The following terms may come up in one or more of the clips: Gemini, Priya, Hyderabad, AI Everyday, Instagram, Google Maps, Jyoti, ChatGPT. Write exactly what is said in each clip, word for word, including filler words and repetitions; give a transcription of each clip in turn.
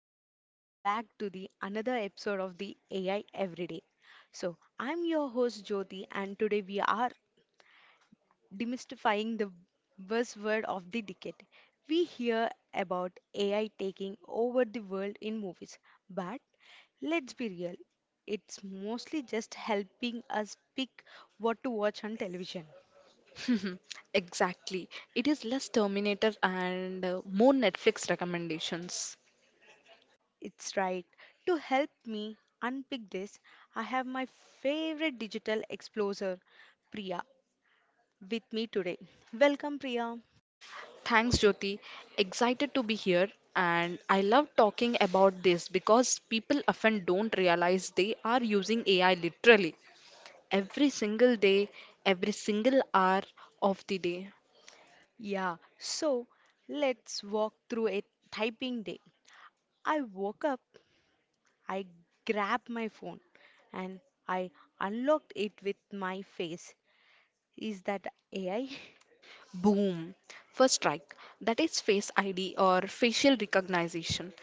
and welcome back to the another episode of the A I Everyday. So, I'm your host Jyoti, and today we are demystifying the buzzword of the decade. We hear about A I taking over the world in movies, but let's be real, it's mostly just helping us pick what to watch on television. Exactly. It is less Terminator and uh, more Netflix recommendations. It's right. To help me unpick this, I have my favorite digital explorer, Priya, with me today. Welcome, Priya. Thanks, Jyoti. Excited to be here. And I love talking about this because people often don't realize they are using A I literally every single day, every single hour of the day. Yeah, so let's walk through a typing day. I woke up, I grabbed my phone, and I unlocked it with my face. Is that A I? Boom. First strike. That is Face I D or facial recognition.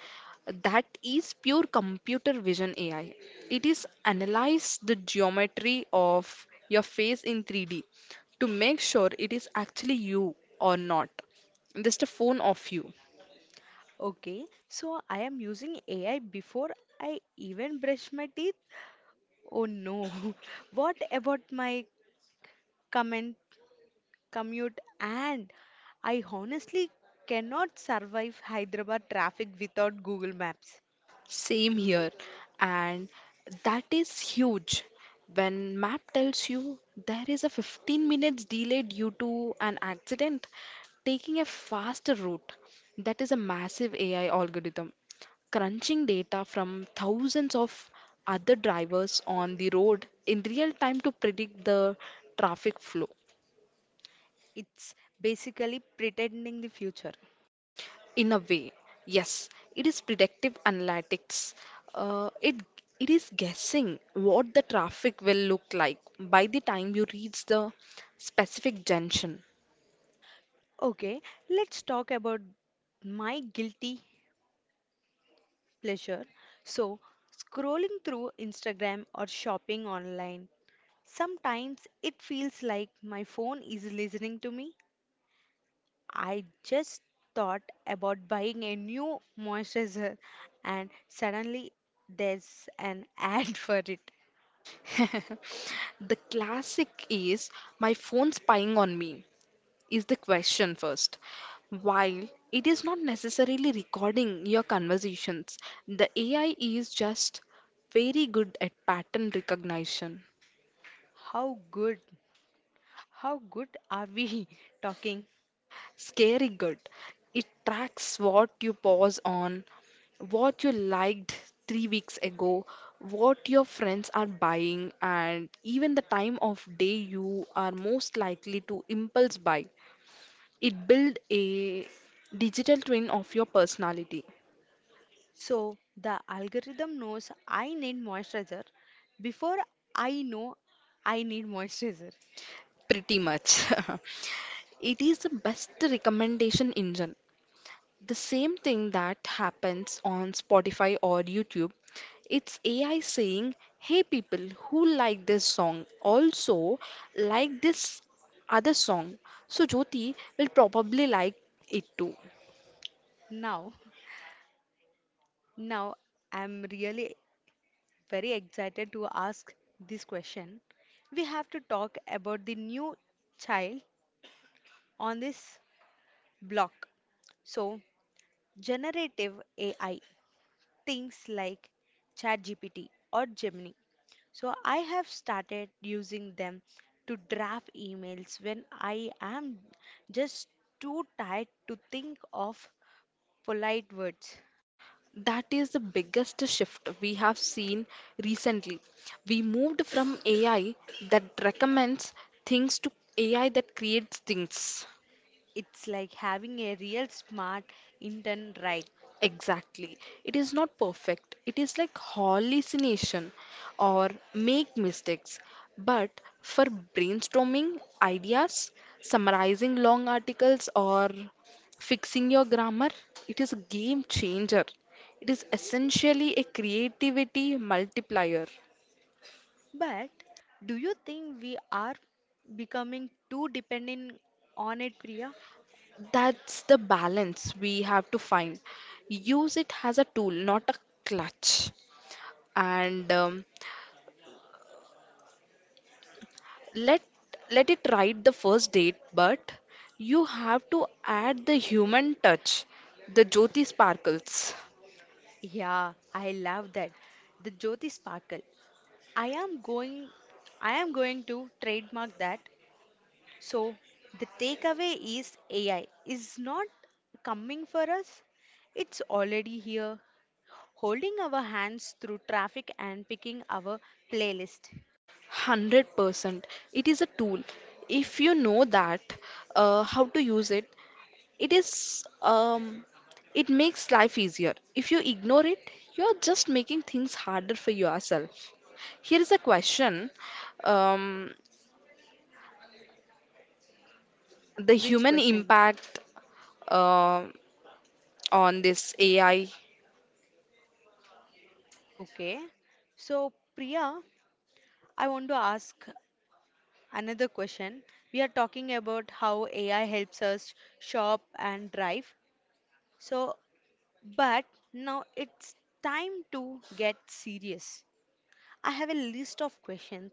That is pure computer vision A I. It is analyze the geometry of your face in three D to make sure it is actually you or not. Just a phone of you. Okay, so I am using A I before I even brush my teeth. Oh no, what about my comment commute, and I honestly cannot survive Hyderabad traffic without Google Maps. Same here, and that is huge. When map tells you there is a fifteen minutes delay due to an accident, taking a faster route. That is a massive A I algorithm, crunching data from thousands of other drivers on the road in real time to predict the traffic flow. It's basically pretending the future. In a way, yes, it is predictive analytics. Uh, it it is guessing what the traffic will look like by the time you reach the specific junction. Okay, let's talk about my guilty pleasure. So, scrolling through Instagram or shopping online, sometimes it feels like my phone is listening to me. I just thought about buying a new moisturizer and suddenly there's an ad for it. The classic is my phone spying on me is the question first. While it is not necessarily recording your conversations, the A I is just very good at pattern recognition. How good, how good are we talking? Scary good. It tracks what you pause on, what you liked three weeks ago, what your friends are buying, and even the time of day you are most likely to impulse buy. It builds a digital twin of your personality, So the algorithm knows I need moisturizer before I know I need moisturizer. pretty much. It is the best recommendation engine. The same thing that happens on Spotify or YouTube. It's A I saying, hey, people who like this song also like this other song. So Jyoti will probably like it too. Now, now I'm really very excited to ask this question. We have to talk about the new child on this block. So generative A I, things like ChatGPT or Gemini. So I have started using them to draft emails when I am just too tired to think of polite words. That is the biggest shift we have seen recently. We moved from A I that recommends things to A I that creates things. It's like having a real smart intern, right. Exactly. It is not perfect. It is like hallucination or make mistakes. But for brainstorming ideas, summarizing long articles, or fixing your grammar, it is a game changer. It is essentially a creativity multiplier. But do you think we are becoming too dependent on it, Priya? That's the balance we have to find. Use it as a tool, not a clutch. And um, let let it write the first date, but you have to add the human touch, the jyoti sparkles. Yeah, I love that. The Jyoti Sparkle. I am going I am going to trademark that. So the takeaway is A I is not coming for us. It's already here, holding our hands through traffic and picking our playlist. one hundred percent it is a tool. If you know that uh, how to use it, it is um, it makes life easier. If you ignore it, you are just making things harder for yourself. Here is a question, um, the Which human question? impact uh, on this ai. Okay. So Priya, I want to ask another question. We are talking about how A I helps us shop and drive. So But now it's time to get serious. I have a list of questions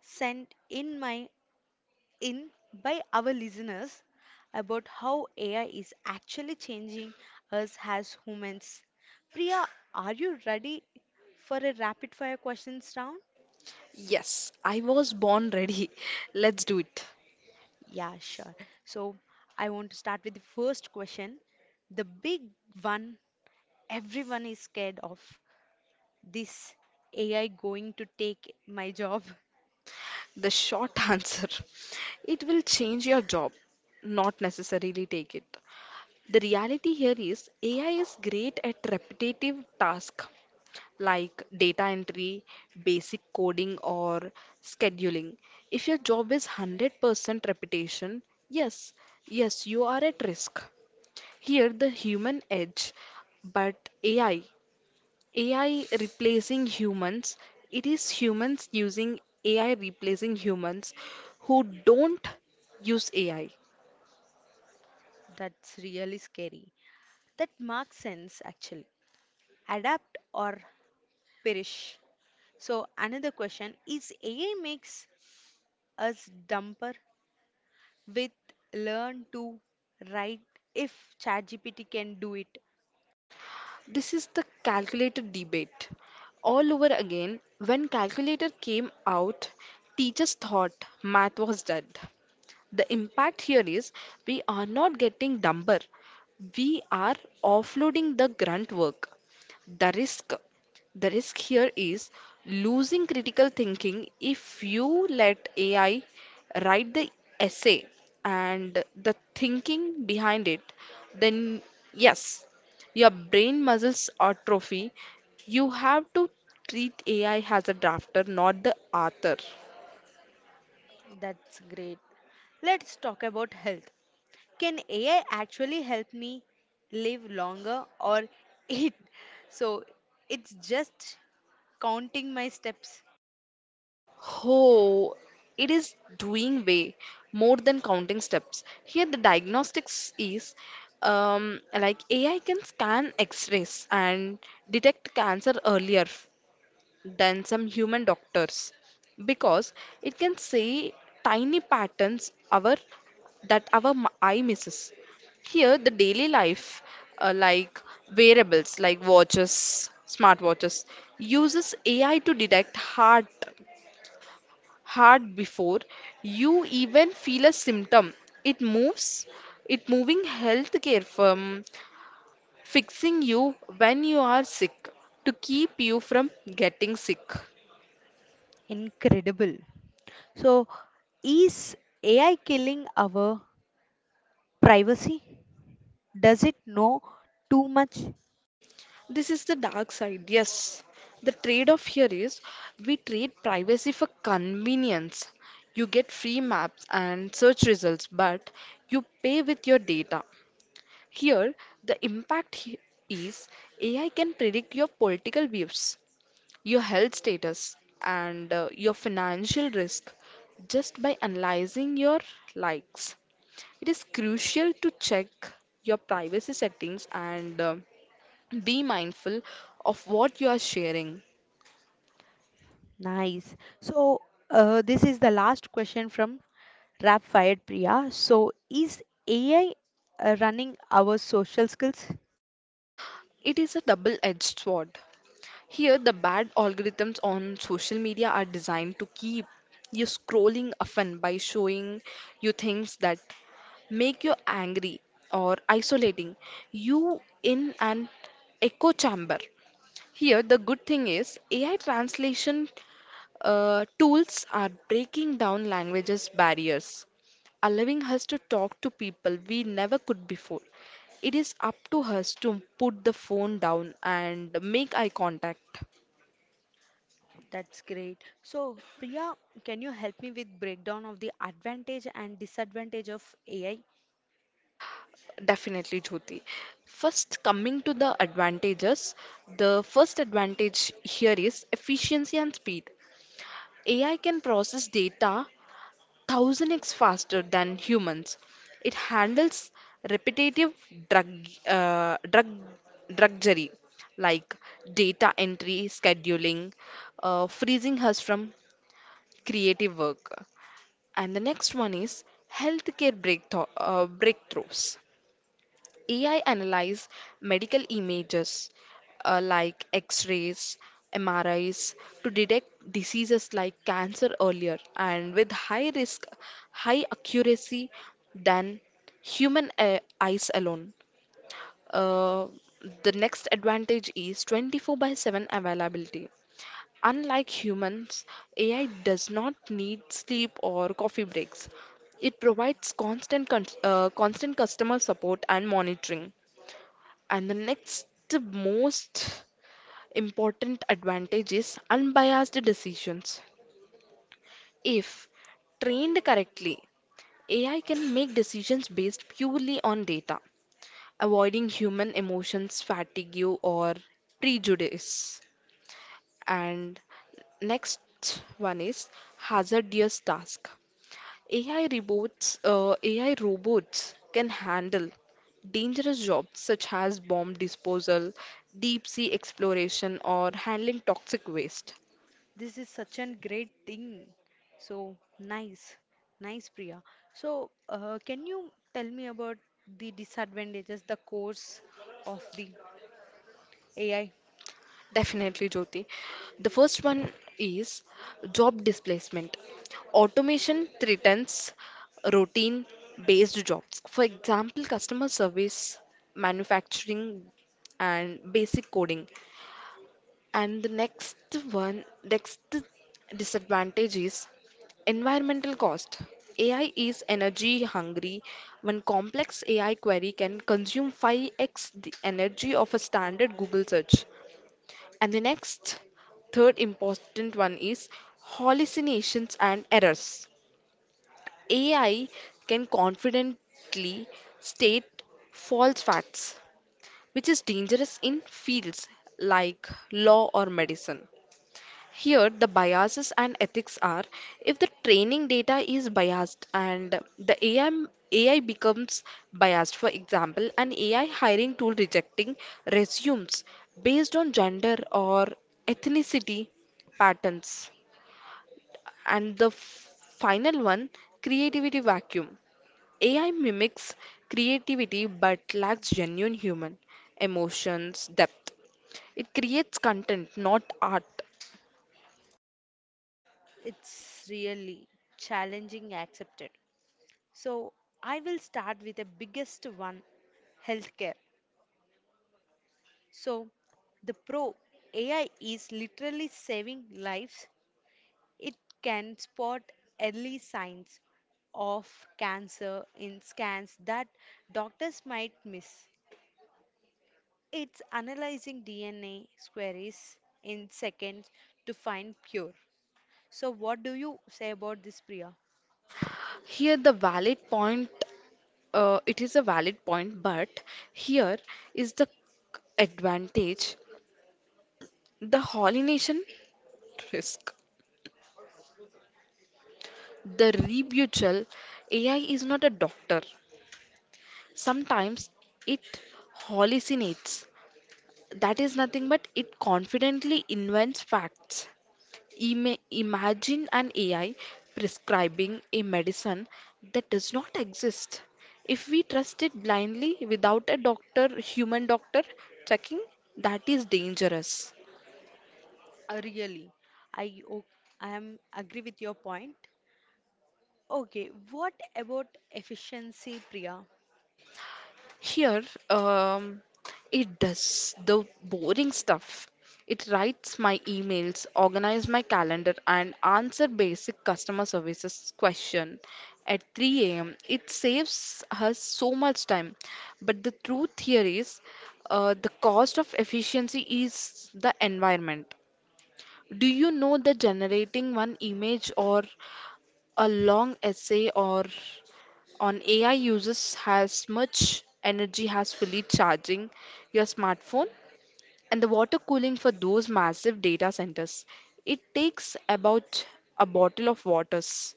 sent in my in by our listeners about how A I is actually changing us as humans. Priya, are you ready for a rapid fire questions round? Yes, I was born ready. Let's do it. Yeah, sure. So I want to start with the first question, the big one everyone is scared of. This A I going to take my job. The short answer, it will change your job, not necessarily take it. The reality here is A I is great at repetitive tasks like data entry, basic coding, or scheduling. If your job is one hundred percent repetition, yes, yes, you are at risk. Here, the human edge, but A I. A I replacing humans, it is humans using A I replacing humans who don't use A I. That's really scary. That makes sense actually. Adapt or perish. So another question is A I makes us dumber with learn to write if ChatGPT can do it. This is the calculator debate. All over again, when calculator came out, teachers thought math was dead. The impact here is we are not getting dumber, we are offloading the grunt work. The risk, the risk here is losing critical thinking. If you let A I write the essay and the thinking behind it, then yes, your brain muscles atrophy. You have to treat A I as a drafter, not the author. That's great. Let's talk about health. Can A I actually help me live longer or it? So it's just counting my steps. Oh, it is doing way more than counting steps. Here, the diagnostics is um, like A I can scan X-rays and detect cancer earlier than some human doctors because it can see tiny patterns our that our m- eye misses. Here, the daily life, uh, like wearables like watches, smartwatches, uses A I to detect heart hard before you even feel a symptom. It moves, it moving healthcare firm, fixing you when you are sick to keep you from getting sick. Incredible. So, is A I killing our privacy? Does it know too much? This is the dark side, yes. The trade off here is we trade privacy for convenience. You get free maps and search results, but you pay with your data. Here, the impact he- is A I can predict your political views, your health status, and uh, your financial risk just by analyzing your likes. It is crucial to check your privacy settings and uh, be mindful of what you are sharing. Nice. So, uh, this is the last question from Rap Fired Priya. So, is A I uh, running our social skills? It is a double edged sword. Here, the bad algorithms on social media are designed to keep you scrolling, often by showing you things that make you angry or isolating you in an echo chamber. Here, the good thing is A I translation uh, tools are breaking down languages barriers, allowing us to talk to people we never could before. It is up to us to put the phone down and make eye contact. That's great. So, Priya, can you help me with breakdown of the advantage and disadvantage of A I? Definitely, Jyoti. First, coming to the advantages, the first advantage here is efficiency and speed. A I can process data one thousand x faster than humans. It handles repetitive drug, uh, drug, drudgery like data entry, scheduling, uh, freezing us from creative work. And the next one is healthcare breakthro- uh, breakthroughs. A I analyze medical images uh, like X-rays, M R Is to detect diseases like cancer earlier and with high risk, high accuracy than human uh, eyes alone. Uh, the next advantage is twenty-four by seven availability. Unlike humans, A I does not need sleep or coffee breaks. It provides constant con- uh, constant customer support and monitoring. And the next most important advantage is unbiased decisions. If trained correctly, A I can make decisions based purely on data, avoiding human emotions, fatigue, or prejudice. And next one is hazardous task. A I robots, uh, A I robots can handle dangerous jobs such as bomb disposal, deep sea exploration, or handling toxic waste. This is such a great thing. So nice, nice, Priya. So, uh, can you tell me about the disadvantages, the cause of the A I? Definitely, Jyoti. The first one is job displacement. Automation threatens routine based jobs. For example, customer service, manufacturing, and basic coding. And the next one, next disadvantage is environmental cost. A I is energy hungry. One complex A I query can consume five x the energy of a standard Google search. And the next, third important one is hallucinations and errors. A I can confidently state false facts, which is dangerous in fields like law or medicine. Here, the biases and ethics are if the training data is biased and the A I, becomes biased. For example, an A I hiring tool rejecting resumes based on gender or ethnicity patterns. And the f- final one, creativity vacuum. A I mimics creativity but lacks genuine human emotions, depth. It creates content, not art. It's really challenging, accepted. So, I will start with the biggest one, healthcare. So, the pro A I is literally saving lives. It can spot early signs of cancer in scans that doctors might miss. It's analyzing D N A queries in seconds to find cure. So what do you say about this, Priya? Here, the valid point Uh, it is a valid point, but here is the advantage, the hallucination risk. The rebuttal: A I is not a doctor. Sometimes it hallucinates. That is nothing but it confidently invents facts. Ima- imagine an A I prescribing a medicine that does not exist. If we trust it blindly without a doctor, human doctor checking, that is dangerous. Uh, Really, I o- I am agree with your point. Okay, what about efficiency, Priya? Here, um, it does the boring stuff. It writes my emails, organizes my calendar, and answer basic customer services question at three a m. It saves us so much time. But the truth here is, uh, the cost of efficiency is the environment. Do you know that generating one image or a long essay or on A I uses as much energy as fully charging your smartphone, and the water cooling for those massive data centers. It takes about a bottle of water's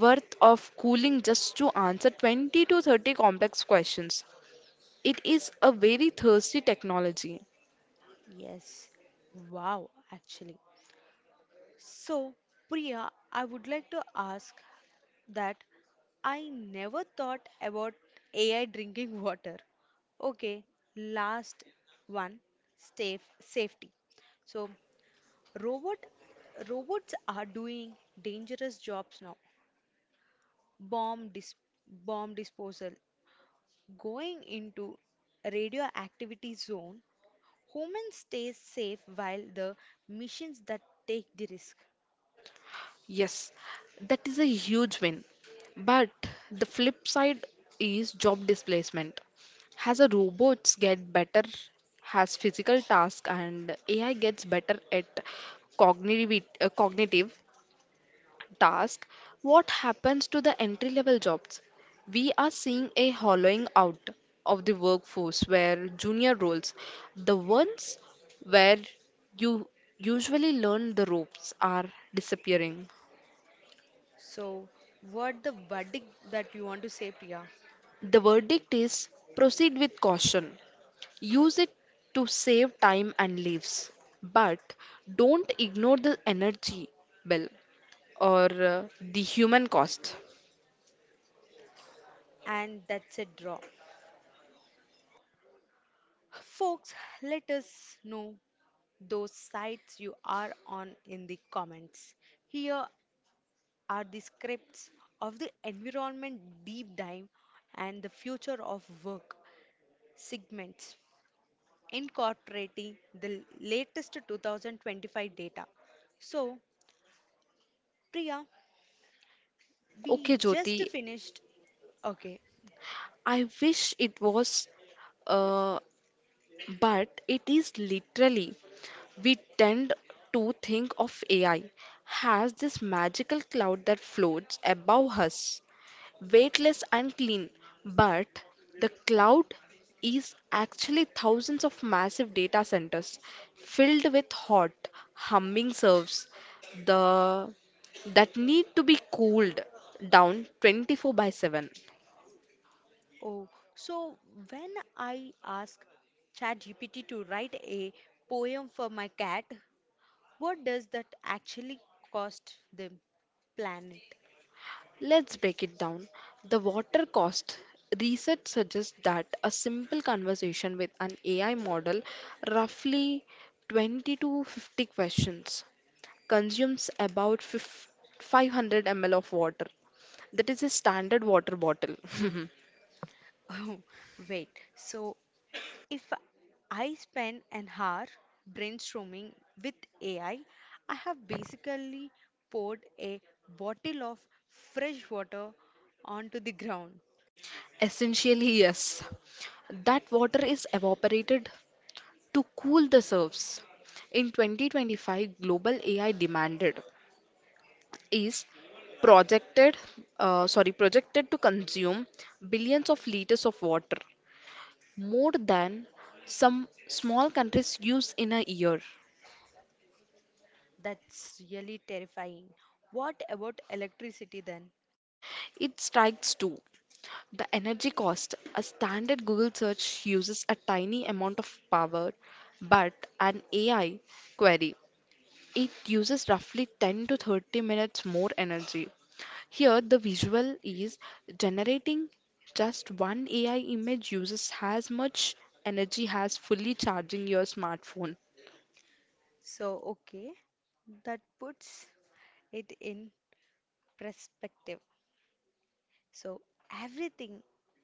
worth of cooling just to answer twenty to thirty complex questions. It is a very thirsty technology. Yes. Wow, actually. So, Priya, I would like to ask that I never thought about A I drinking water. Okay, last one, safe safety. So, robot robots are doing dangerous jobs now. Bomb dis bomb disposal, going into radioactivity zone. Humans stay safe while the machines that take the risk. Yes, that is a huge win. But the flip side is job displacement. As a robots get better as physical tasks and A I gets better at cognitive, uh, cognitive tasks, what happens to the entry-level jobs? We are seeing a hollowing out of the workforce where junior roles, the ones where you usually learn the ropes, are disappearing. So, what the verdict that you want to say, Priya? The verdict is proceed with caution. Use it to save time and lives. But don't ignore the energy bill or uh, the human cost. And that's a draw. Folks, let us know those sites you are on in the comments. Here are the scripts of the environment deep dive and the future of work segments incorporating the latest two thousand twenty-five data. So, Priya, we Okay, just Jyoti, finished. Okay, I wish it was, uh, but it is literally. We tend to think of A I as this magical cloud that floats above us, weightless and clean. But the cloud is actually thousands of massive data centers filled with hot, humming servers the, that need to be cooled down twenty-four by seven. oh, so when I ask ChatGPT to write a poem for my cat, what does that actually cost the planet? Let's break it down. The water cost. Research suggests that a simple conversation with an A I model, roughly twenty to fifty questions, consumes about fif- five hundred milliliters of water. That is a standard water bottle. Oh, wait. So if I spend an hour brainstorming with A I, I I have basically poured a bottle of fresh water onto the ground. Essentially, yes. That water is evaporated to cool the surface. In twenty twenty-five, global A I demanded is projected, uh, sorry, projected to consume billions of liters of water, more than some small countries use in a year. That's really terrifying. What about electricity then? It strikes too. The energy cost a standard Google search uses a tiny amount of power, but an A I query it uses roughly ten to thirty minutes more energy. Here, the visual is generating just one A I image uses as much energy as fully charging your smartphone. So, okay, that puts it in perspective. So, everything,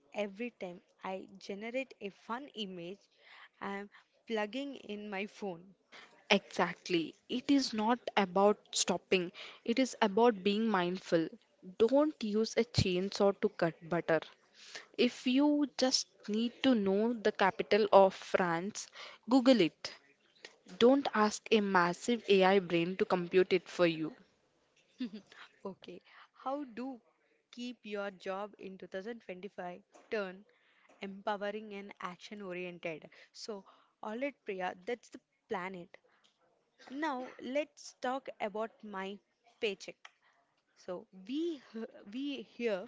every time I generate a fun image, I'm plugging in my phone. Exactly. It is not about stopping, it is about being mindful. Don't use a chainsaw to cut butter. If you just need to know the capital of France, Google it. Don't ask a massive A I brain to compute it for you. Okay, how do keep your job in two thousand twenty-five turn empowering and action oriented? So, all right, Priya, that's the planet. Now, let's talk about my paycheck. So we he- we here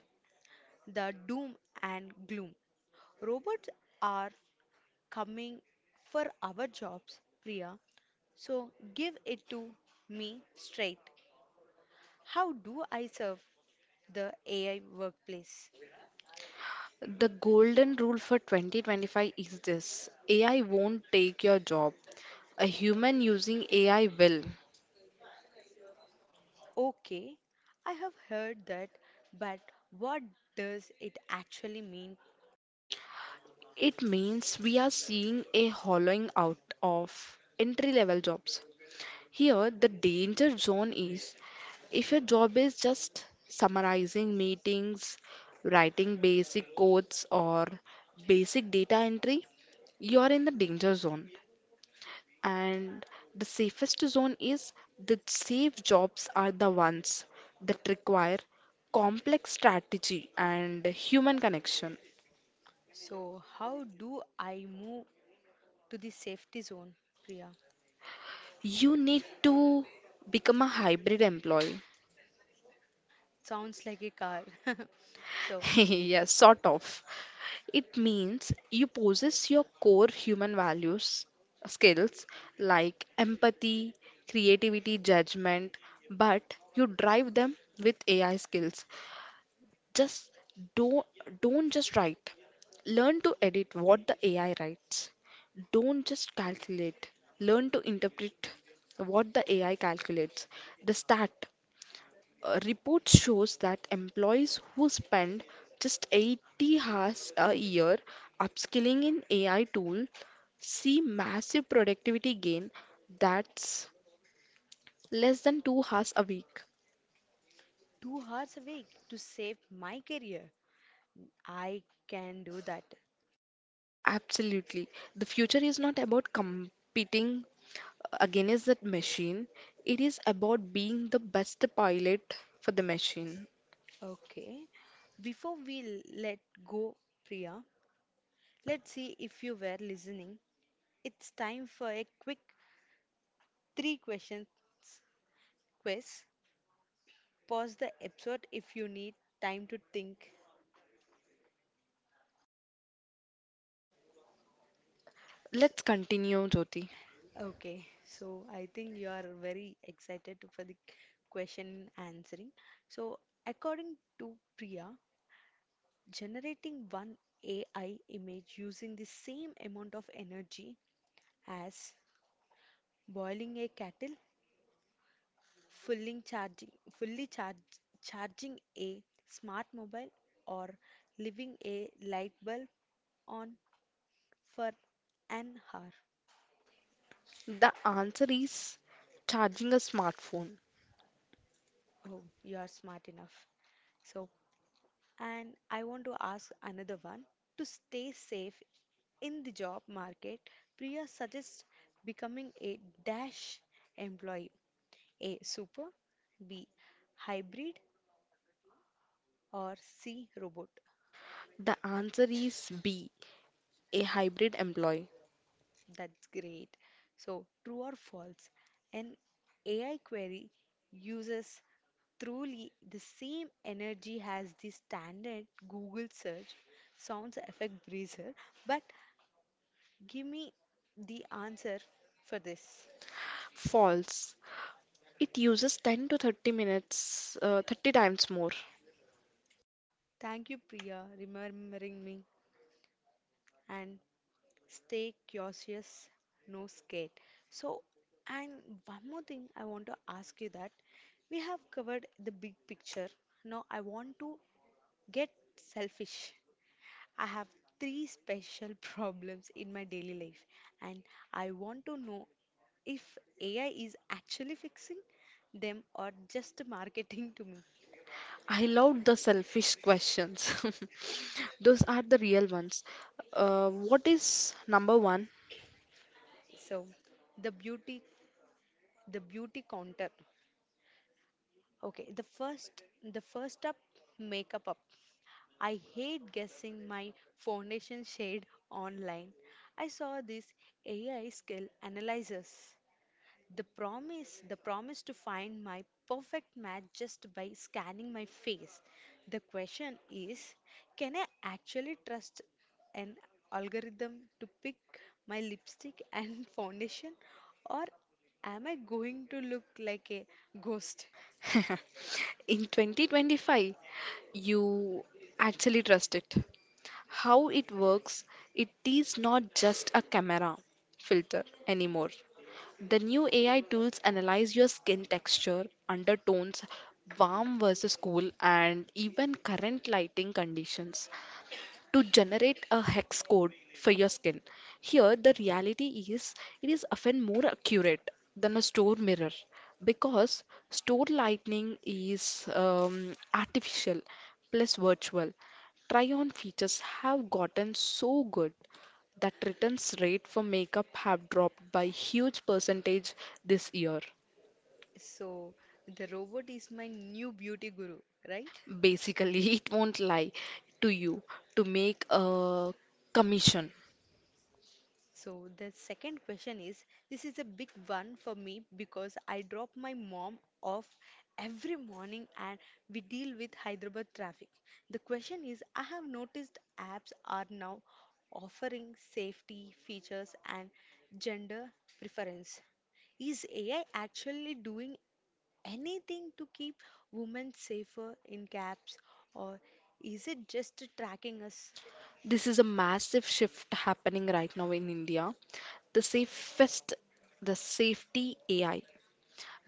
the doom and gloom. Robots are coming for our jobs, Priya. So give it to me straight. How do I serve the A I workplace? The golden rule for twenty twenty-five is this: A I won't take your job. A human using A I will. Okay, I have heard that, but what does it actually mean? It means we are seeing a hollowing out of entry level jobs. Here, the danger zone is if your job is just summarizing meetings, writing basic codes, or basic data entry, you are in the danger zone. And the safest zone is the safe jobs are the ones that require complex strategy and human connection. So, how do I move to the safety zone, Priya? You need to become a hybrid employee. Sounds like a car. So, Yeah, sort of. It means you possess your core human values, skills like empathy, creativity, judgment, but you drive them with A I skills. Just don't don't just write. Learn to edit what the A I writes. Don't just calculate. Learn to interpret what the A I calculates. The stat A report shows that employees who spend just eighty hours a year upskilling in A I tool see massive productivity gain, that's less than two hours a week. two hours a week to save my career. I can do that. Absolutely. The future is not about competing against that machine. It is about being the best pilot for the machine. Okay. Before we l- let go, Priya, let's see if you were listening. It's time for a quick three questions quiz. Pause the episode if you need time to think. So, Let's continue, Jyoti. okay, so I think you are very excited to- for the question answering. So, according to Priya, generating one A I image using the same amount of energy as boiling a kettle, fully charging, fully charge, charging a smart mobile, or leaving a light bulb on for an hour. The answer is charging a smartphone. Oh, you are smart enough. So, and I want to ask another one. To stay safe in the job market, Priya suggests becoming a dash employee, a super, B hybrid, or C robot. The answer is B, a hybrid employee. That's great. So, true or false, an A I query uses truly the same energy as the standard Google search. Sounds effect breezer, but give me the answer for this. False. It uses ten to thirty minutes, uh, thirty times more. Thank you, Priya, remembering me and stay curious, no scared. So, and one more thing I want to ask you that we have covered the big picture. Now, I want to get selfish. I have three special problems in my daily life, and I want to know if A I is actually fixing them or just marketing to me. I love the selfish questions. Those are the real ones. Uh, what is number one? So, the beauty, the beauty counter. Okay, the first, the first up, makeup up. I hate guessing my foundation shade online. I saw this A I skill analyzers. The promise, the promise to find my perfect match just by scanning my face. The question is, can I actually trust an algorithm to pick my lipstick and foundation, or am I going to look like a ghost? In twenty twenty-five, you actually trust it. How it works, it is not just a camera filter anymore. The new A I tools analyze your skin texture, undertones, warm versus cool, and even current lighting conditions to generate a hex code for your skin. Here, the reality is it is often more accurate than a store mirror because store lighting is um, artificial plus virtual. Try on features have gotten so good that returns rate for makeup have dropped by huge percentage this year. So, the robot is my new beauty guru, right? Basically, it won't lie to you to make a commission. So the second question is, this is a big one for me because I drop my mom off every morning and we deal with Hyderabad traffic. The question is, I have noticed apps are now offering safety features and gender preference. Is A I actually doing anything to keep women safer in cabs or is it just tracking us? This is a massive shift happening right now in India. The safest, the safety A I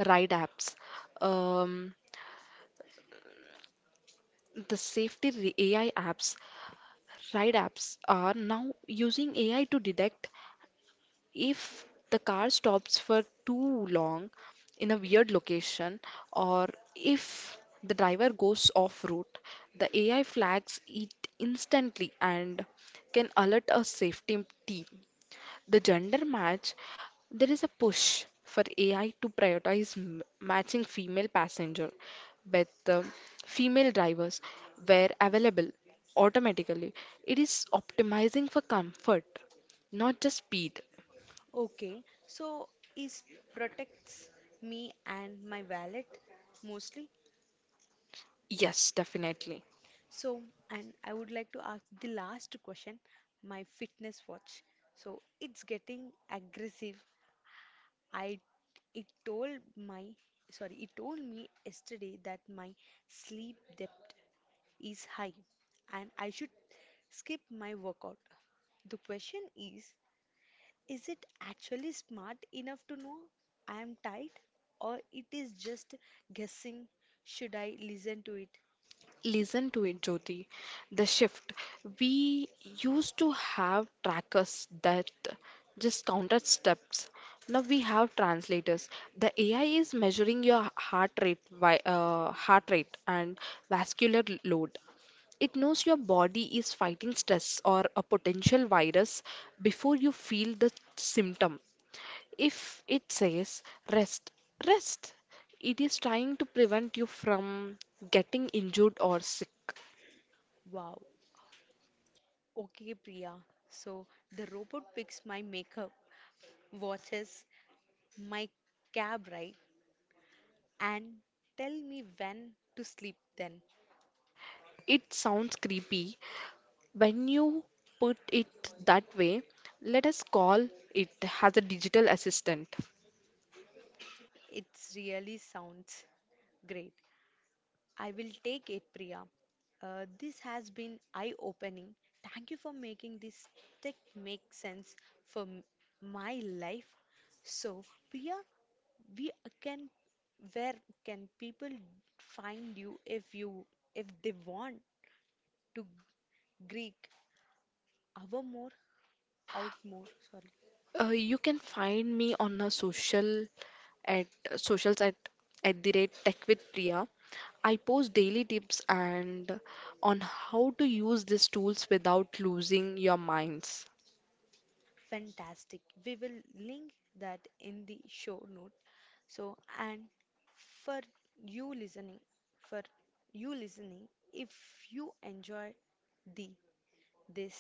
ride apps, um, the safety re- A I apps, ride apps are now using A I to detect if the car stops for too long in a weird location or if the driver goes off route. The A I flags it instantly and can alert a safety team. The gender match, there is a push for A I to prioritize m- matching female passenger with uh, female drivers where available automatically. It is optimizing for comfort, not just speed. Okay, so is protects me and my wallet mostly. Yes, definitely. So, and I would like to ask the last question, my fitness watch. So it's getting aggressive. I it told my sorry, it told me yesterday that my sleep depth is high and I should skip my workout. The question is, Is it actually smart enough to know I am tired? Or it is just guessing? Should I listen to it? Listen to it, Jyoti. The shift. We used to have trackers that just counted steps. Now we have translators. The A I is measuring your heart rate, vi- uh, heart rate and vascular load. It knows your body is fighting stress or a potential virus before you feel the symptom. If it says rest, rest, it is trying to prevent you from getting injured or sick. Wow. Okay, Priya. So the robot picks my makeup, watches my cab ride, and tell me when to sleep then. It sounds creepy when you put it that way. Let us call it as a digital assistant. It really sounds great. I will take it, Priya. Uh, this has been eye opening. Thank you for making this tech make sense for m- my life. So, Priya, we can where can people find you if you if they want to Greek our more out more? Sorry. Uh, you can find me on a social at socials at at the rate tech with Priya. I post daily tips and on how to use these tools without losing your minds. Fantastic. We will link that in the show note. So, and for you listening, for you listening, if you enjoy the this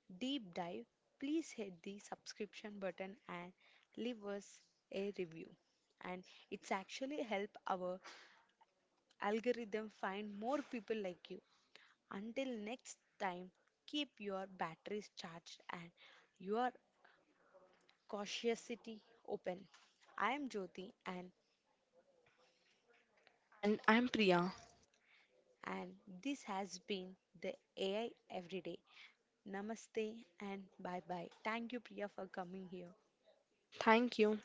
deep dive, please hit the subscription button and leave us a review. And it's actually help our algorithm find more people like you. Until next time, keep your batteries charged and your cautiously open. I am Jyoti and And I'm Priya. and this has been the A I Everyday. Namaste and bye bye. Thank you, Priya, for coming here. Thank you.